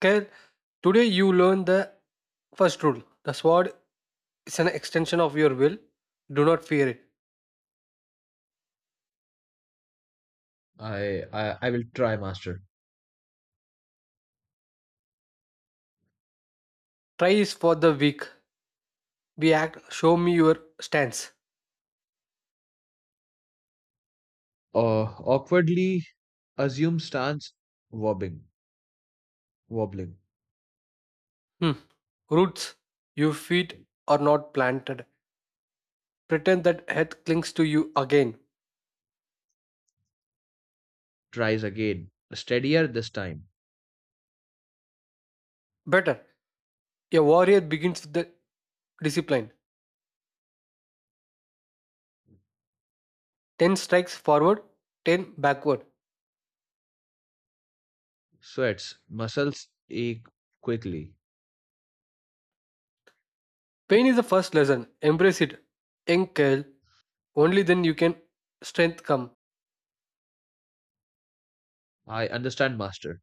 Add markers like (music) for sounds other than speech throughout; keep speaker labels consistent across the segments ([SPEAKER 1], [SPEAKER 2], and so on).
[SPEAKER 1] Okay, today you learn the first rule. The sword is an extension of your will. Do not fear it.
[SPEAKER 2] I will try, master.
[SPEAKER 1] Try is for the weak. Be act. Show me your stance.
[SPEAKER 2] Uh, Awkwardly assumes stance, wobbling, wobbling.
[SPEAKER 1] Hmm. Roots. Your feet are not planted. Pretend that earth clings to you again.
[SPEAKER 2] Tries again, steadier this time.
[SPEAKER 1] Better. A warrior begins with the discipline. Ten strikes forward, ten backward.
[SPEAKER 2] Sweats, muscles ache quickly.
[SPEAKER 1] Pain is the first lesson. Embrace it. In Kale, only then you can strength come.
[SPEAKER 2] I understand, master.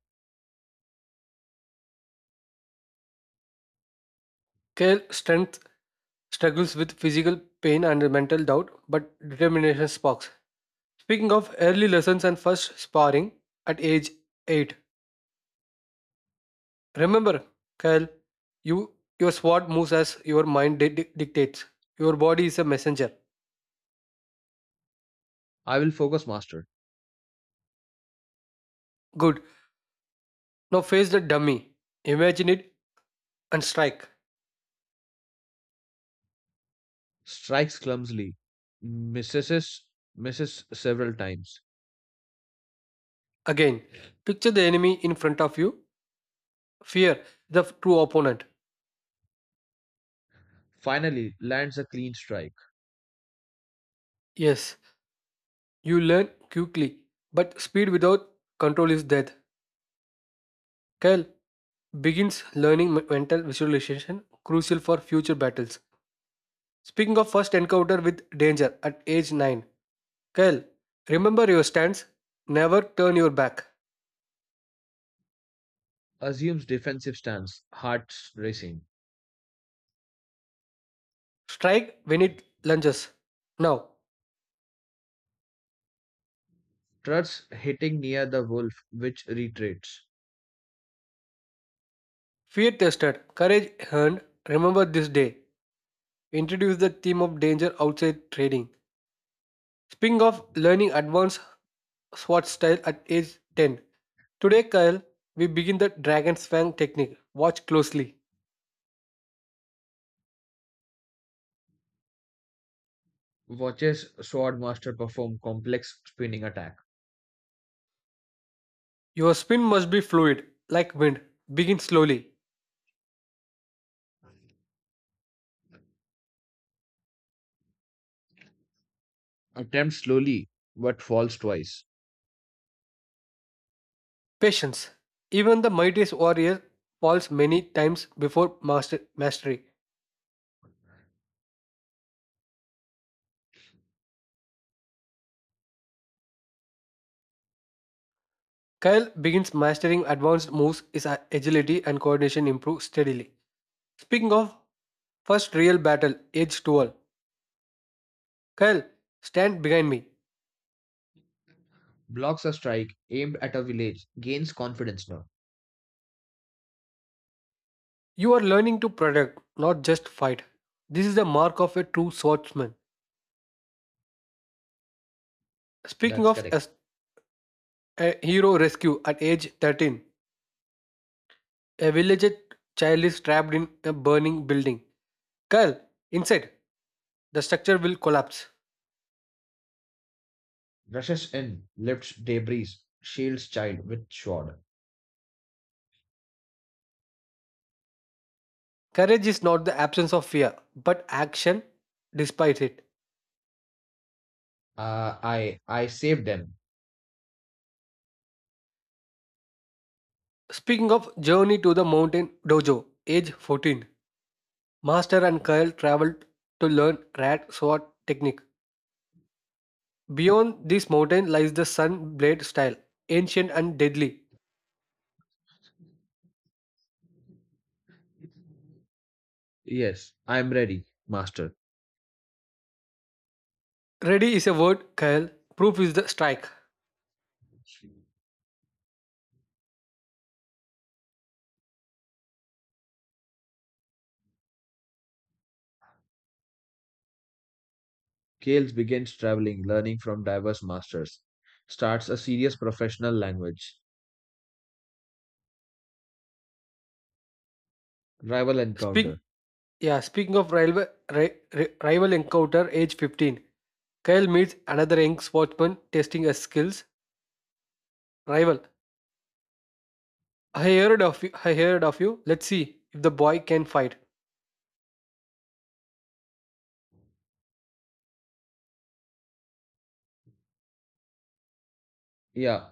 [SPEAKER 1] Kale strength struggles with physical pain and mental doubt, but determination sparks. Speaking of early lessons and first sparring at age 8, remember, Kyle, you, your sword moves as your mind dictates. Your body is a messenger.
[SPEAKER 2] I will focus, master.
[SPEAKER 1] Good. Now face the dummy, imagine it, and strike.
[SPEAKER 2] Strikes clumsily, misses, misses several times.
[SPEAKER 1] Again, picture the enemy in front of you, fear the true opponent.
[SPEAKER 2] Finally, lands a clean strike.
[SPEAKER 1] Yes, you learn quickly, but speed without control is death. Kyle, begins learning mental visualization, crucial for future battles. Speaking of first encounter with danger at age 9, Kyle, remember your stance, never turn your back.
[SPEAKER 2] Assumes defensive stance, hearts racing.
[SPEAKER 1] Strike when it lunges. Now,
[SPEAKER 2] Struts hitting near the wolf, which retreats.
[SPEAKER 1] fear tested, courage earned, remember this day. Introduce the theme of danger outside trading. Speaking of learning advanced SWAT style at age 10, today, Kyle, we begin the dragon's fang technique. Watch closely.
[SPEAKER 2] Watches Swordmaster perform complex spinning attack,
[SPEAKER 1] Your spin must be fluid, like wind. Begin slowly.
[SPEAKER 2] attempts slowly but falls twice,
[SPEAKER 1] Patience. Even the mightiest warrior falls many times before mastery. Kyle begins mastering advanced moves, his agility and coordination improve steadily. Speaking of first real battle, age 12. Kyle, stand behind me.
[SPEAKER 2] blocks a strike aimed at a village, gains confidence now.
[SPEAKER 1] You are learning to protect, not just fight. This is the mark of a true swordsman. Speaking
[SPEAKER 2] That's
[SPEAKER 1] of
[SPEAKER 2] correct.
[SPEAKER 1] as a hero rescue at age 13, a village child is trapped in a burning building. Curl inside. The structure will collapse.
[SPEAKER 2] Rushes in, lifts debris, shields child with sword.
[SPEAKER 1] Courage is not the absence of fear, but action despite it.
[SPEAKER 2] I saved them.
[SPEAKER 1] Speaking of journey to the mountain dojo, age 14, Master and Kyle traveled to learn rat sword technique. Beyond this mountain lies the sun blade style, ancient and deadly.
[SPEAKER 2] Yes, I'm ready, master.
[SPEAKER 1] Ready is a word, Kyle. Proof is the strike.
[SPEAKER 2] Kales begins traveling, learning from diverse masters. Starts a serious professional language. Rival encounter.
[SPEAKER 1] Speak, yeah. Speaking of rival, rival encounter, age 15. Kyle meets another young sportsman testing his skills. Rival, I heard of you. I heard of you. Let's see if the boy can fight.
[SPEAKER 2] Yeah,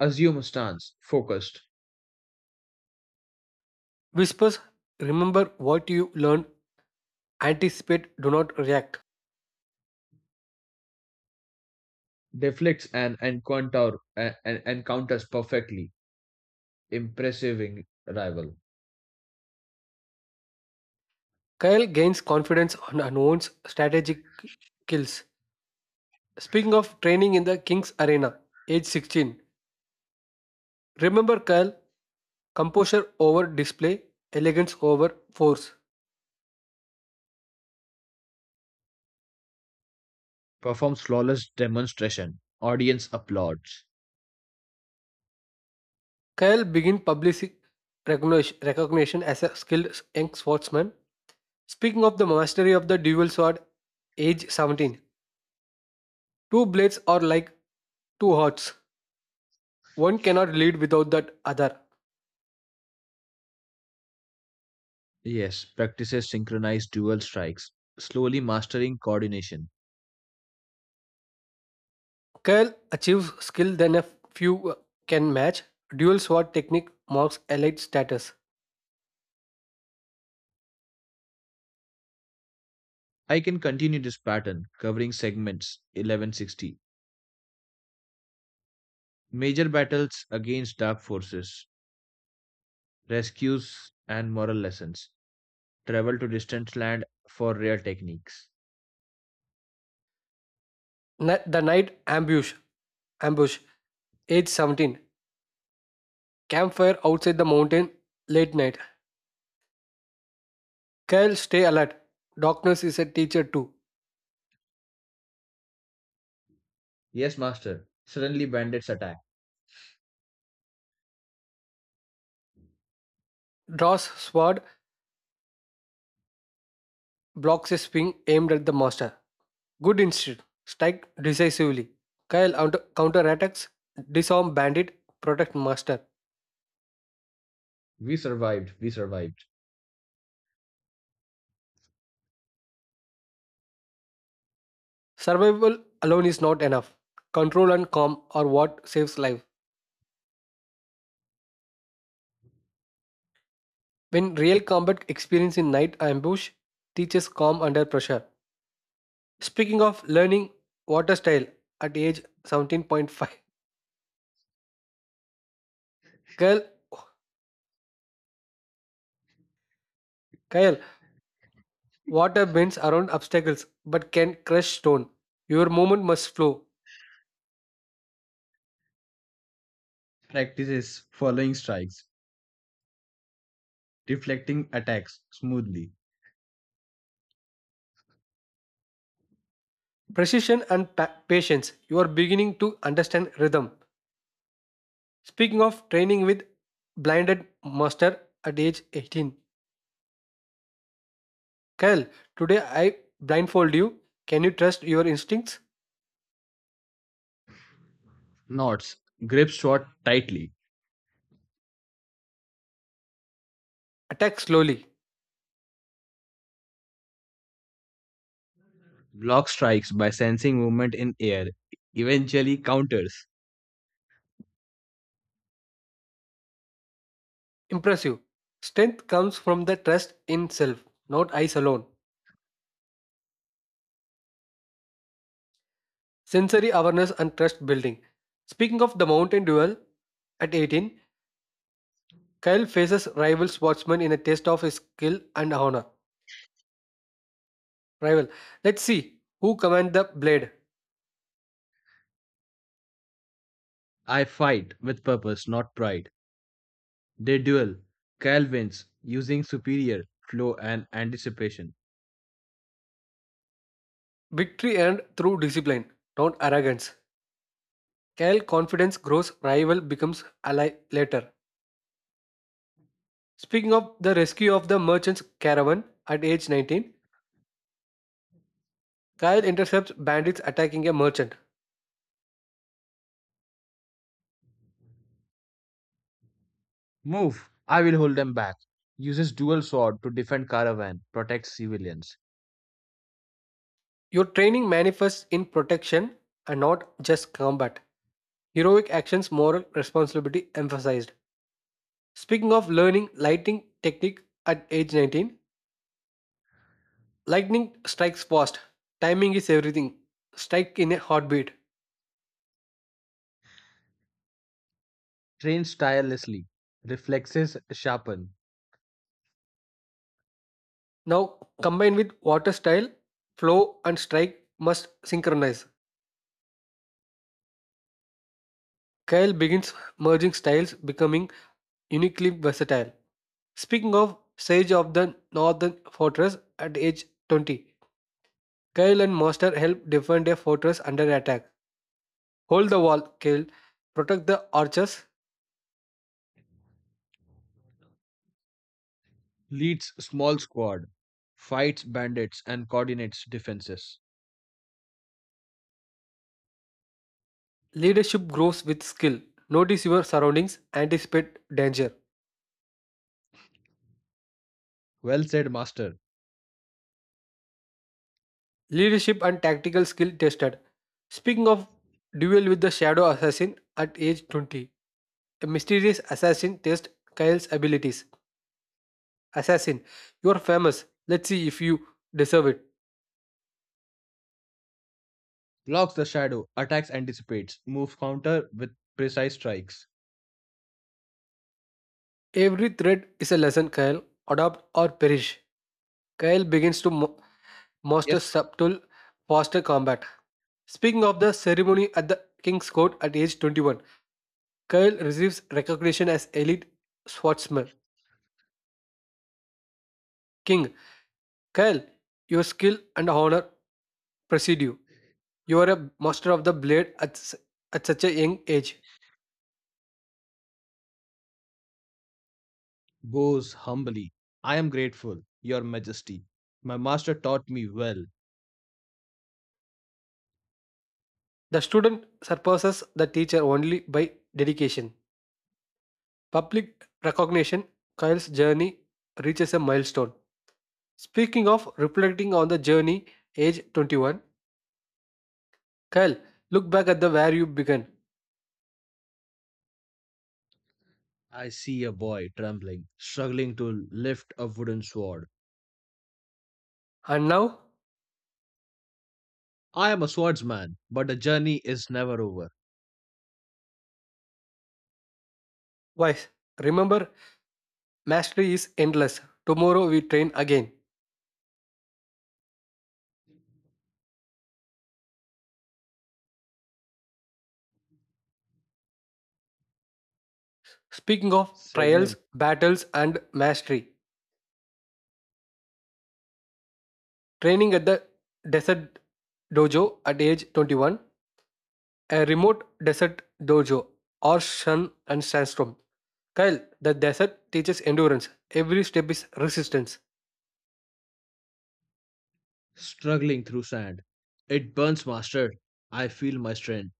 [SPEAKER 2] assume stance, focused.
[SPEAKER 1] Whispers, remember what you learned. Anticipate, do not react.
[SPEAKER 2] Deflects and encounter, and counters perfectly, impressing rival,
[SPEAKER 1] Kyle gains confidence on unknown's strategic kills. Speaking of training in the King's Arena, age 16. Remember Kyle, composure over display, elegance over force.
[SPEAKER 2] performs flawless demonstration, audience applauds.
[SPEAKER 1] Kyle begins public recognition as a skilled young sportsman. Speaking of the mastery of the dual sword, age 17. Two blades are like two hearts. One cannot lead without that other.
[SPEAKER 2] Yes, practices synchronized dual strikes, slowly mastering coordination.
[SPEAKER 1] Kyle achieves skill than a few can match. Dual sword technique marks elite status.
[SPEAKER 2] I can continue this pattern, covering segments 1160. Major battles against dark forces, rescues and moral lessons, travel to distant land for rare techniques.
[SPEAKER 1] The night ambush. Ambush. Age 17. Campfire outside the mountain. Late night. Kyle stay alert. Darkness is a teacher too.
[SPEAKER 2] Yes, master. Suddenly bandits attack.
[SPEAKER 1] Draws sword. Blocks a swing aimed at the master. Good instinct. Strike decisively. Kyle counterattacks. Disarm bandit. Protect master.
[SPEAKER 2] We survived.
[SPEAKER 1] Survival alone is not enough. Control and calm are what saves life. When real combat experience in night ambush teaches calm under pressure. Speaking of learning water style at age 17.5, Kyle, Kyle, water bends around obstacles but can crush stone. Your movement must flow.
[SPEAKER 2] Practices following strikes, deflecting attacks smoothly.
[SPEAKER 1] Precision and patience. You are beginning to understand rhythm. Speaking of training with blinded master at age 18, Kyle, today I blindfold you. Can you trust your instincts?
[SPEAKER 2] Knots grip shot tightly,
[SPEAKER 1] Attack slowly.
[SPEAKER 2] block strikes by sensing movement in air, eventually counters.
[SPEAKER 1] Impressive. Strength comes from the trust in self, not eyes alone. Sensory awareness and trust building. Speaking of the mountain duel, at 18, Kyle faces rival sportsman in a test of his skill and honor. Rival, let's see who commands the blade.
[SPEAKER 2] I fight with purpose, not pride. They duel. Cal wins using superior flow and anticipation.
[SPEAKER 1] Victory earned through discipline, not arrogance. Kyle confidence grows, rival becomes ally later. Speaking of the rescue of the merchant's caravan at age 19, Kyle intercepts bandits attacking a merchant.
[SPEAKER 2] Move. I will hold them back. Uses dual sword to defend caravan, protects civilians.
[SPEAKER 1] Your training manifests in protection and not just combat. Heroic actions, moral responsibility emphasized. Speaking of learning lighting technique at age 19, lightning strikes fast. Timing is everything. Strike in a heartbeat.
[SPEAKER 2] Trains tirelessly. Reflexes sharpen
[SPEAKER 1] Now, combined with water style, flow and strike must synchronize. Kyle begins merging styles, becoming uniquely versatile. Speaking of siege of the Northern Fortress at age 20, Kyle and Master help defend a fortress under attack. Hold the wall, Kyle. Protect the archers.
[SPEAKER 2] leads small squad, fights bandits and coordinates defenses.
[SPEAKER 1] Leadership grows with skill. Notice your surroundings, anticipate danger.
[SPEAKER 2] Well said, master.
[SPEAKER 1] Leadership and tactical skill tested. Speaking of duel with the shadow assassin at age 20, a mysterious assassin tests Kyle's abilities. Assassin, you're famous. Let's see if you deserve it.
[SPEAKER 2] Blocks the shadow, attacks anticipates, move counter with precise strikes.
[SPEAKER 1] Every thread is a lesson, Kyle. Adopt or perish. Kyle begins to
[SPEAKER 2] Yes,
[SPEAKER 1] master subtle posture combat. Speaking of the ceremony at the King's Court at age 21, Kyle receives recognition as elite swordsman. King, Kyle, your skill and honor precede you. You are a master of the blade at such a young age.
[SPEAKER 2] goes humbly. I am grateful, Your Majesty. My master taught me well.
[SPEAKER 1] The student surpasses the teacher only by dedication. Public recognition, Kyle's journey reaches a milestone. Speaking of reflecting on the journey, age 21, Kyle, look back at the where you began.
[SPEAKER 2] I see a boy trembling, struggling to lift a wooden sword.
[SPEAKER 1] And now,
[SPEAKER 2] I am a swordsman, but the journey is never over.
[SPEAKER 1] wise, remember, mastery is endless. Tomorrow we train again. Speaking of trials,
[SPEAKER 2] Segment
[SPEAKER 1] battles, and mastery, training at the desert dojo at age 21, a remote desert dojo, harsh sun and sandstorm. Kyle, the desert teaches endurance. Every step is resistance.
[SPEAKER 2] struggling through sand. It burns, master. I feel my strength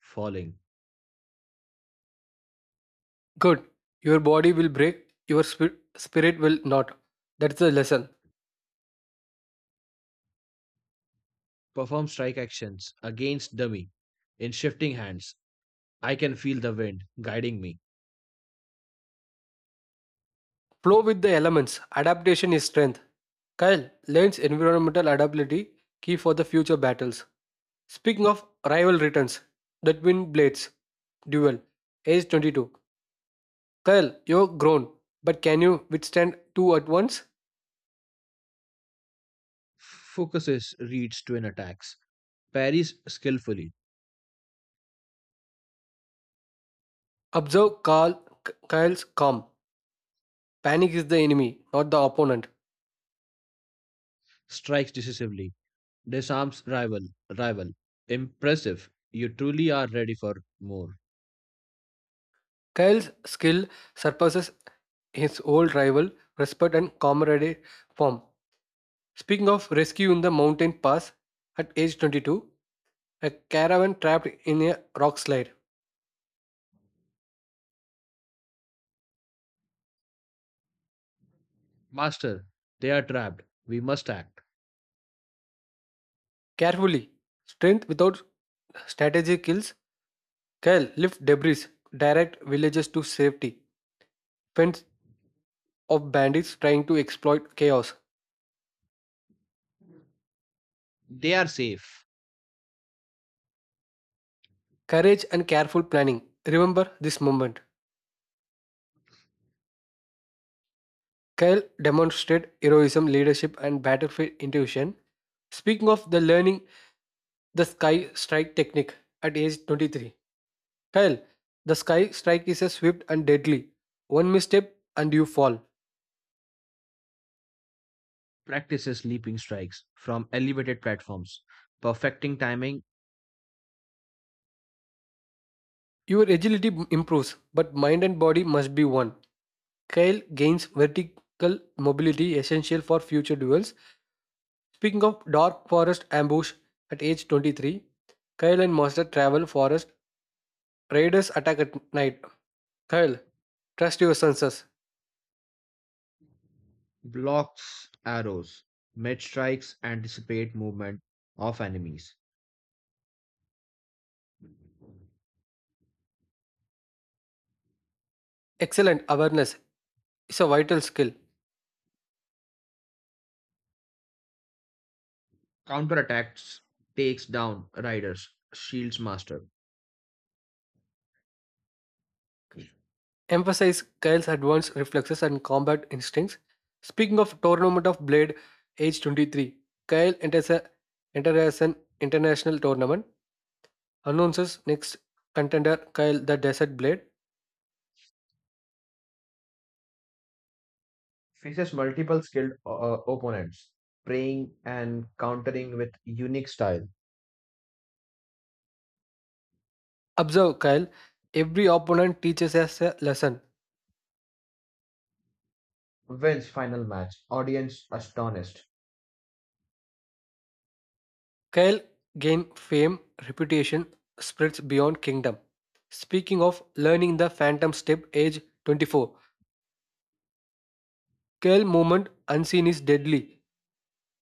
[SPEAKER 2] falling.
[SPEAKER 1] Good. Your body will break, your spirit will not. That's the lesson.
[SPEAKER 2] Perform strike actions against dummy in shifting hands. I can feel the wind guiding me.
[SPEAKER 1] Flow with the elements. Adaptation is strength. Kyle, learns environmental adaptability, key for the future battles. Speaking of rival returns, the twin blades. Duel. Age 22. Kyle, you're grown, but can you withstand two at once?
[SPEAKER 2] Focuses reads twin attacks, parries skillfully,
[SPEAKER 1] Observe Carl, Kyle's calm. Panic is the enemy, not the opponent.
[SPEAKER 2] strikes decisively, disarms rival, rival. Impressive. You truly are ready for more.
[SPEAKER 1] Kyle's skill surpasses his old rival, respect and camaraderie form. Speaking of rescue in the mountain pass, at age 22, a caravan trapped in a rock slide.
[SPEAKER 2] Master, they are trapped. We must act.
[SPEAKER 1] Carefully, strength without strategy kills. Kyle lift debris, direct villagers to safety, fends off bandits trying to exploit chaos.
[SPEAKER 2] They are safe.
[SPEAKER 1] Courage and careful planning. Remember this moment. Kyle demonstrated heroism, leadership, and battlefield intuition. Speaking of the learning the sky strike technique at age 23. Kyle, the sky strike is a swift and deadly. One misstep and you fall.
[SPEAKER 2] Practices leaping strikes from elevated platforms, perfecting timing
[SPEAKER 1] Your agility improves, but mind and body must be one. Kyle gains vertical mobility essential for future duels. Speaking of dark forest ambush at age 23, Kyle and Monster travel forest. Raiders attack at night. Kyle, trust your senses.
[SPEAKER 2] blocks arrows, med strikes anticipate movement of enemies,
[SPEAKER 1] Excellent awareness is a vital skill.
[SPEAKER 2] counterattacks takes down riders, shields master,
[SPEAKER 1] Emphasize Kyle's advanced reflexes and combat instincts. Speaking of tournament of Blade, age 23, Kyle enters as an international tournament, announces next contender Kyle the Desert Blade.
[SPEAKER 2] faces multiple skilled opponents, preying and countering with unique style,
[SPEAKER 1] Observe Kyle, every opponent teaches us a lesson.
[SPEAKER 2] wins final match, audience astonished,
[SPEAKER 1] Kyle gains fame, reputation, spreads beyond kingdom. Speaking of learning the phantom step, age 24, Kyle movement unseen is deadly.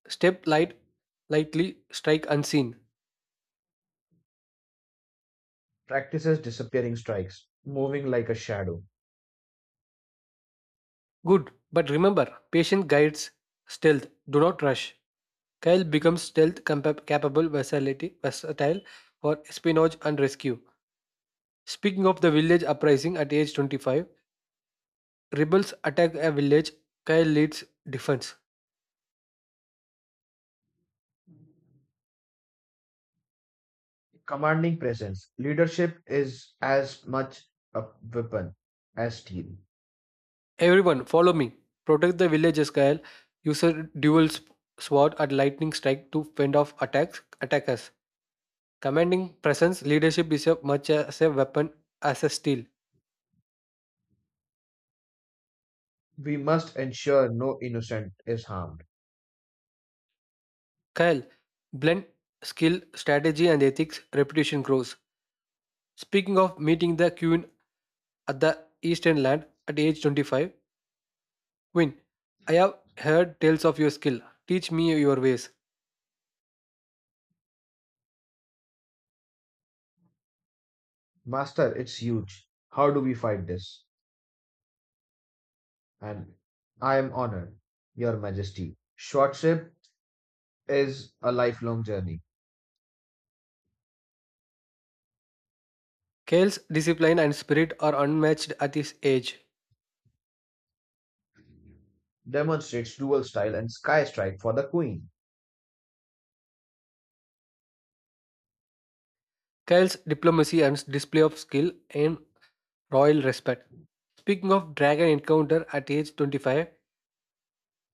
[SPEAKER 1] Step lightly, strike unseen.
[SPEAKER 2] practices disappearing strikes, moving like a shadow,
[SPEAKER 1] Good, but remember, patient guides stealth. Do not rush. Kyle becomes stealth capable versatile for espionage and rescue. Speaking of the village uprising at age 25, rebels attack a village. Kyle leads defense.
[SPEAKER 2] commanding presence, leadership is as much a weapon as steel.
[SPEAKER 1] Everyone, follow me. Protect the villages, Kyle. Use a dual sword and lightning strike to fend off attacks. Attackers. Commanding presence, leadership is a much as a weapon as a steel.
[SPEAKER 2] We must ensure no innocent is harmed.
[SPEAKER 1] Kyle, blend skill, strategy, and ethics, reputation grows. Speaking of meeting the queen at the Eastern Land at age 25, Queen, I have heard tales of your skill. Teach me your ways.
[SPEAKER 2] Master, it's huge. How do we fight this? And I am honored, Your Majesty. Shortship is a lifelong journey.
[SPEAKER 1] Kyle's discipline and spirit are unmatched at his age.
[SPEAKER 2] Demonstrates dual style and sky strike for the queen.
[SPEAKER 1] Kyle's diplomacy and display of skill and royal respect. Speaking of dragon encounter at age 25,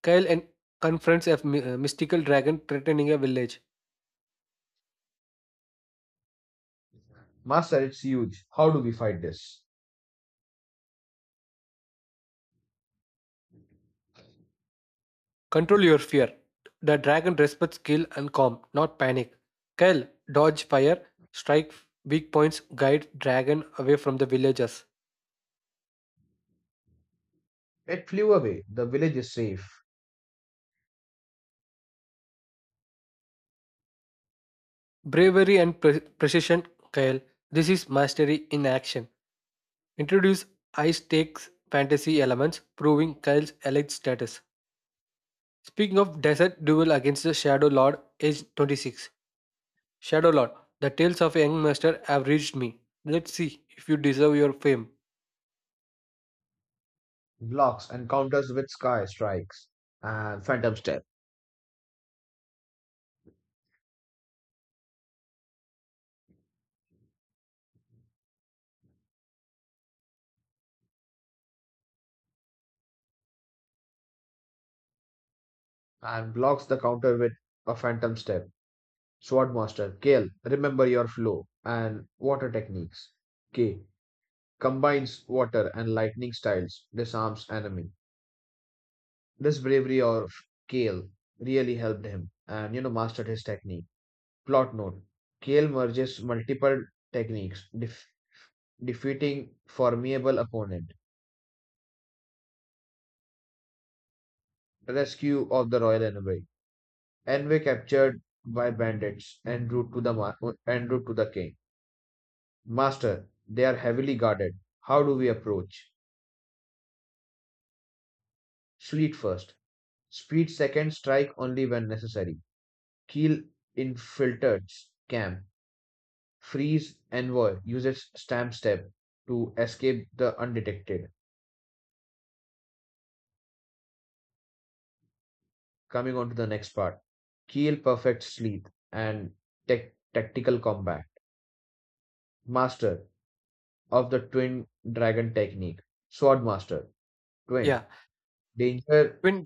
[SPEAKER 1] Kyle confronts a mystical dragon threatening a village.
[SPEAKER 2] Master, it's huge. How do we fight this?
[SPEAKER 1] Control your fear. The dragon respects skill and calm, not panic. Kyle, dodge fire, strike weak points, guide dragon away from the villagers.
[SPEAKER 2] It flew away. The village is safe.
[SPEAKER 1] Bravery and precision, Kyle. This is mastery in action. Introduce high stakes fantasy elements, proving Kyle's elite status. Speaking of desert duel against the Shadow Lord, age 26. Shadow Lord, the tales of a young master have reached me. Let's see if you deserve your fame.
[SPEAKER 2] Blocks and counters with sky strikes and phantom step. And blocks the counter with a phantom step. Swordmaster, master, Kale, remember your flow and water techniques. K. combines water and lightning styles, disarms enemy. This bravery of Kale really helped him and mastered his technique. Plot note: Kale merges multiple techniques, defeating formidable opponent. Rescue of the royal envoy. Envoy captured by bandits en route to the king. Master, they are heavily guarded. How do we approach? Fleet first. Speed second. Strike only when necessary. Keel infiltrates camp, frees Envoy, uses Stamp Step to escape the undetected. Coming on to the next part. Keel perfects Sleep and tactical combat. Master of the Twin Dragon technique. Swordmaster
[SPEAKER 1] Yeah.
[SPEAKER 2] Twin. Danger.
[SPEAKER 1] Twin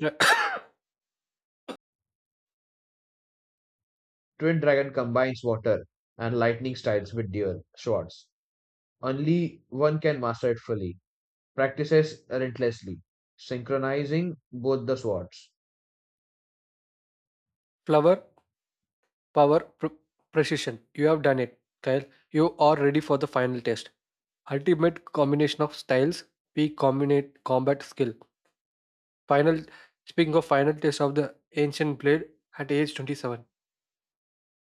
[SPEAKER 2] Twin Dragon combines water and lightning styles with dual swords. Only one can master it fully. Practices relentlessly, synchronizing both the swords.
[SPEAKER 1] (coughs) Flower power, precision. You have done it, Kyle. You are ready for the final test. Ultimate combination of styles, peak combinate combat skill. Final. Speaking of final test of the ancient blade at age 27,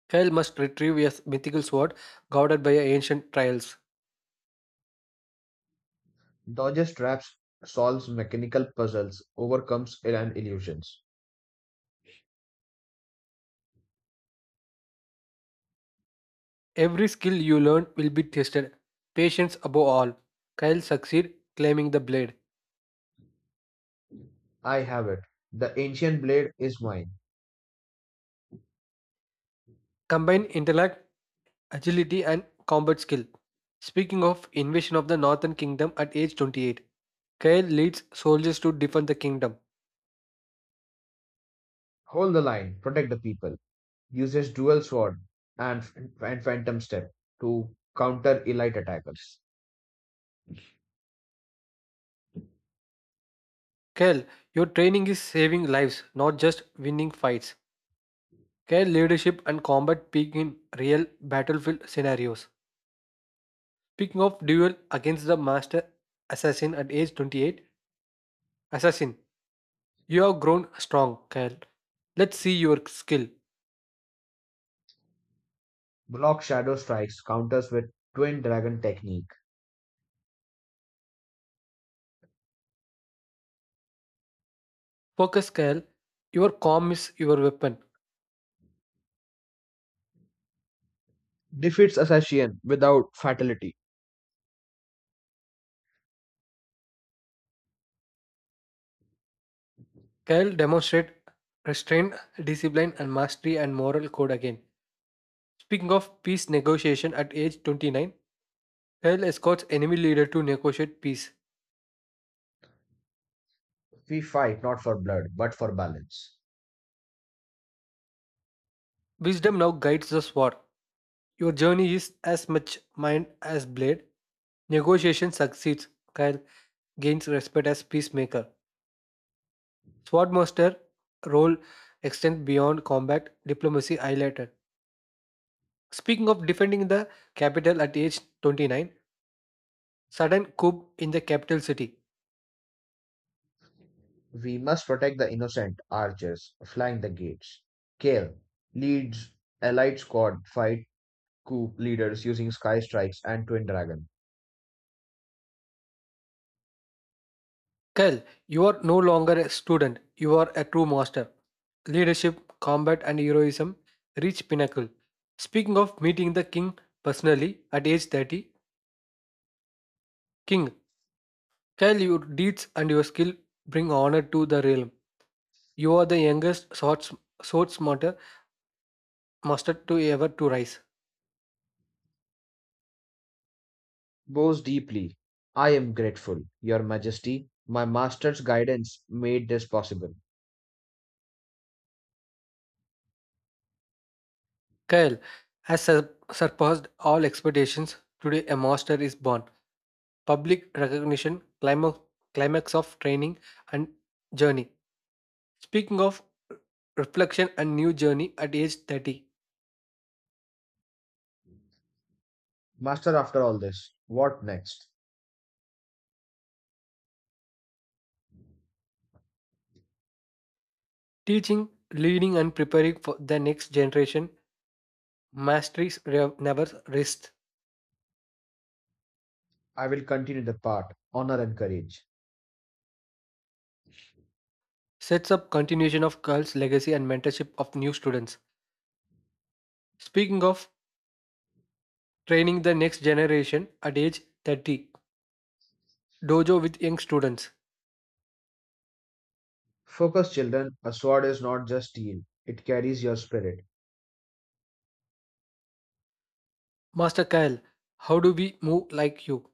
[SPEAKER 1] Kyle must retrieve a mythical sword guarded by ancient trials.
[SPEAKER 2] Dodges traps, solves mechanical puzzles, overcomes ill and illusions.
[SPEAKER 1] Every skill you learn will be tested. Patience above all. Kyle succeed claiming the blade.
[SPEAKER 2] I have it. The ancient blade is mine.
[SPEAKER 1] Combine intellect agility and combat skill. Speaking of invasion of the Northern Kingdom at age 28, Kael leads soldiers to defend the kingdom.
[SPEAKER 2] Hold the line, protect the people. Uses dual sword and, and phantom step to counter elite attackers.
[SPEAKER 1] Kael, your training is saving lives, not just winning fights. Kael leadership and combat peak in real battlefield scenarios. Speaking of duel against the master assassin at age 28, assassin, you have grown strong, Kael. Let's see your skill.
[SPEAKER 2] Block shadow strikes, counters with twin dragon technique.
[SPEAKER 1] Focus, Kael. Your calm is your weapon.
[SPEAKER 2] Defeats assassin without fatality.
[SPEAKER 1] Kyle demonstrated restraint, discipline, and mastery and moral code again. Speaking of peace negotiation at age 29, Kyle escorts enemy leader to negotiate peace.
[SPEAKER 2] We fight not for blood, but for balance.
[SPEAKER 1] Wisdom now guides the sword. Your journey is as much mind as blade. Negotiation succeeds. Kyle gains respect as peacemaker. Swordmaster role extends beyond combat, diplomacy highlighted. Speaking of defending the capital at age 29, sudden coup in the capital city.
[SPEAKER 2] We must protect the innocent archers flying the gates. Kale leads allied squad fight coup leaders using sky strikes and twin dragon.
[SPEAKER 1] Kyle, you are no longer a student, you are a true master. Leadership, combat, and heroism reach pinnacle. Speaking of meeting the king personally at age 30, King, Kyle, your deeds and your skill bring honor to the realm. You are the youngest sword smarter master to ever to rise.
[SPEAKER 2] Bows deeply. I am grateful, Your Majesty. My master's guidance made this possible.
[SPEAKER 1] Kyle has surpassed all expectations. Today, a master is born. Public recognition, climax, of training and journey. Speaking of reflection and new journey at age 30,
[SPEAKER 2] Master, after all this, what next?
[SPEAKER 1] teaching, leading, and preparing for the next generation, masteries never rest,
[SPEAKER 2] I will continue the part honor and courage.
[SPEAKER 1] sets up continuation of Carl's legacy and mentorship of new students. Speaking of training the next generation at age 30, dojo with young students.
[SPEAKER 2] Focus, children. A sword is not just steel, it carries your spirit,
[SPEAKER 1] Master Kyle, how do we move like you?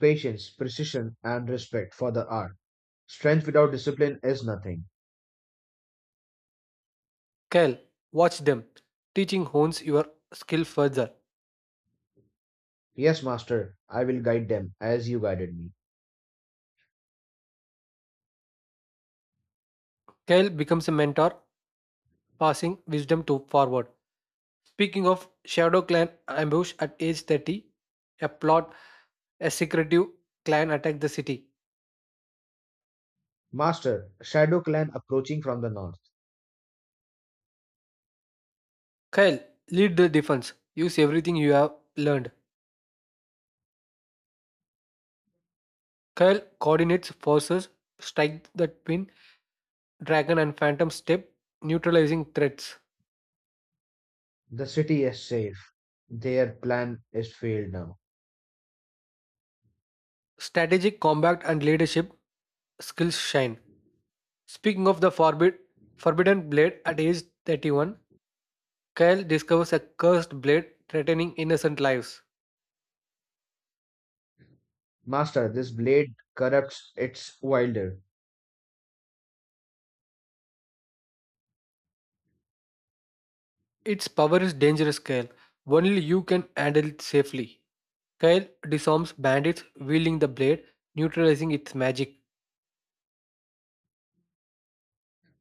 [SPEAKER 2] patience, precision, and respect for the art. Strength without discipline is nothing.
[SPEAKER 1] Kyle, watch them. Teaching hones your skill further.
[SPEAKER 2] Yes, master, I will guide them as you guided me.
[SPEAKER 1] Kyle becomes a mentor, passing wisdom to forward. Speaking of Shadow Clan ambush at age 30, a plot, a secretive clan attack the city.
[SPEAKER 2] Master, Shadow Clan approaching from the north.
[SPEAKER 1] Kyle, lead the defense. Use everything you have learned. Kyle coordinates forces, strike the twin dragon and phantom step, neutralizing threats.
[SPEAKER 2] The city is safe. Their plan is failed now.
[SPEAKER 1] Strategic combat and leadership skills shine. Speaking of the forbidden blade at age 31, Kyle discovers a cursed blade threatening innocent lives.
[SPEAKER 2] Master, this blade corrupts its wielder.
[SPEAKER 1] Its power is dangerous, Kyle. Only you can handle it safely. Kyle disarms bandits wielding the blade, neutralizing its magic.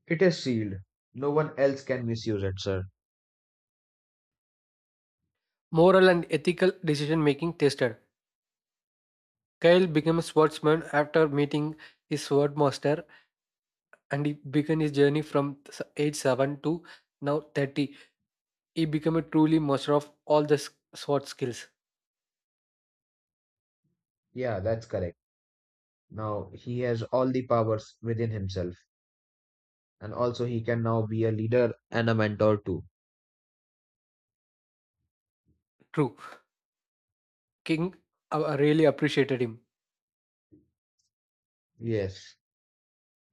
[SPEAKER 2] It is sealed. No one else can misuse it, sir.
[SPEAKER 1] Moral and ethical decision making tested. Kyle became a swordsman after meeting his swordmaster and he began his journey from age 7 to now 30. He became a truly master of all the sword skills.
[SPEAKER 2] Yeah, that's correct. Now he has all the powers within himself, and also he can now be a leader and a mentor too.
[SPEAKER 1] True. King really appreciated him.
[SPEAKER 2] Yes.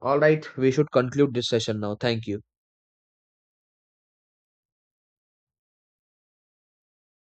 [SPEAKER 2] All right, we should conclude this session now. Thank you.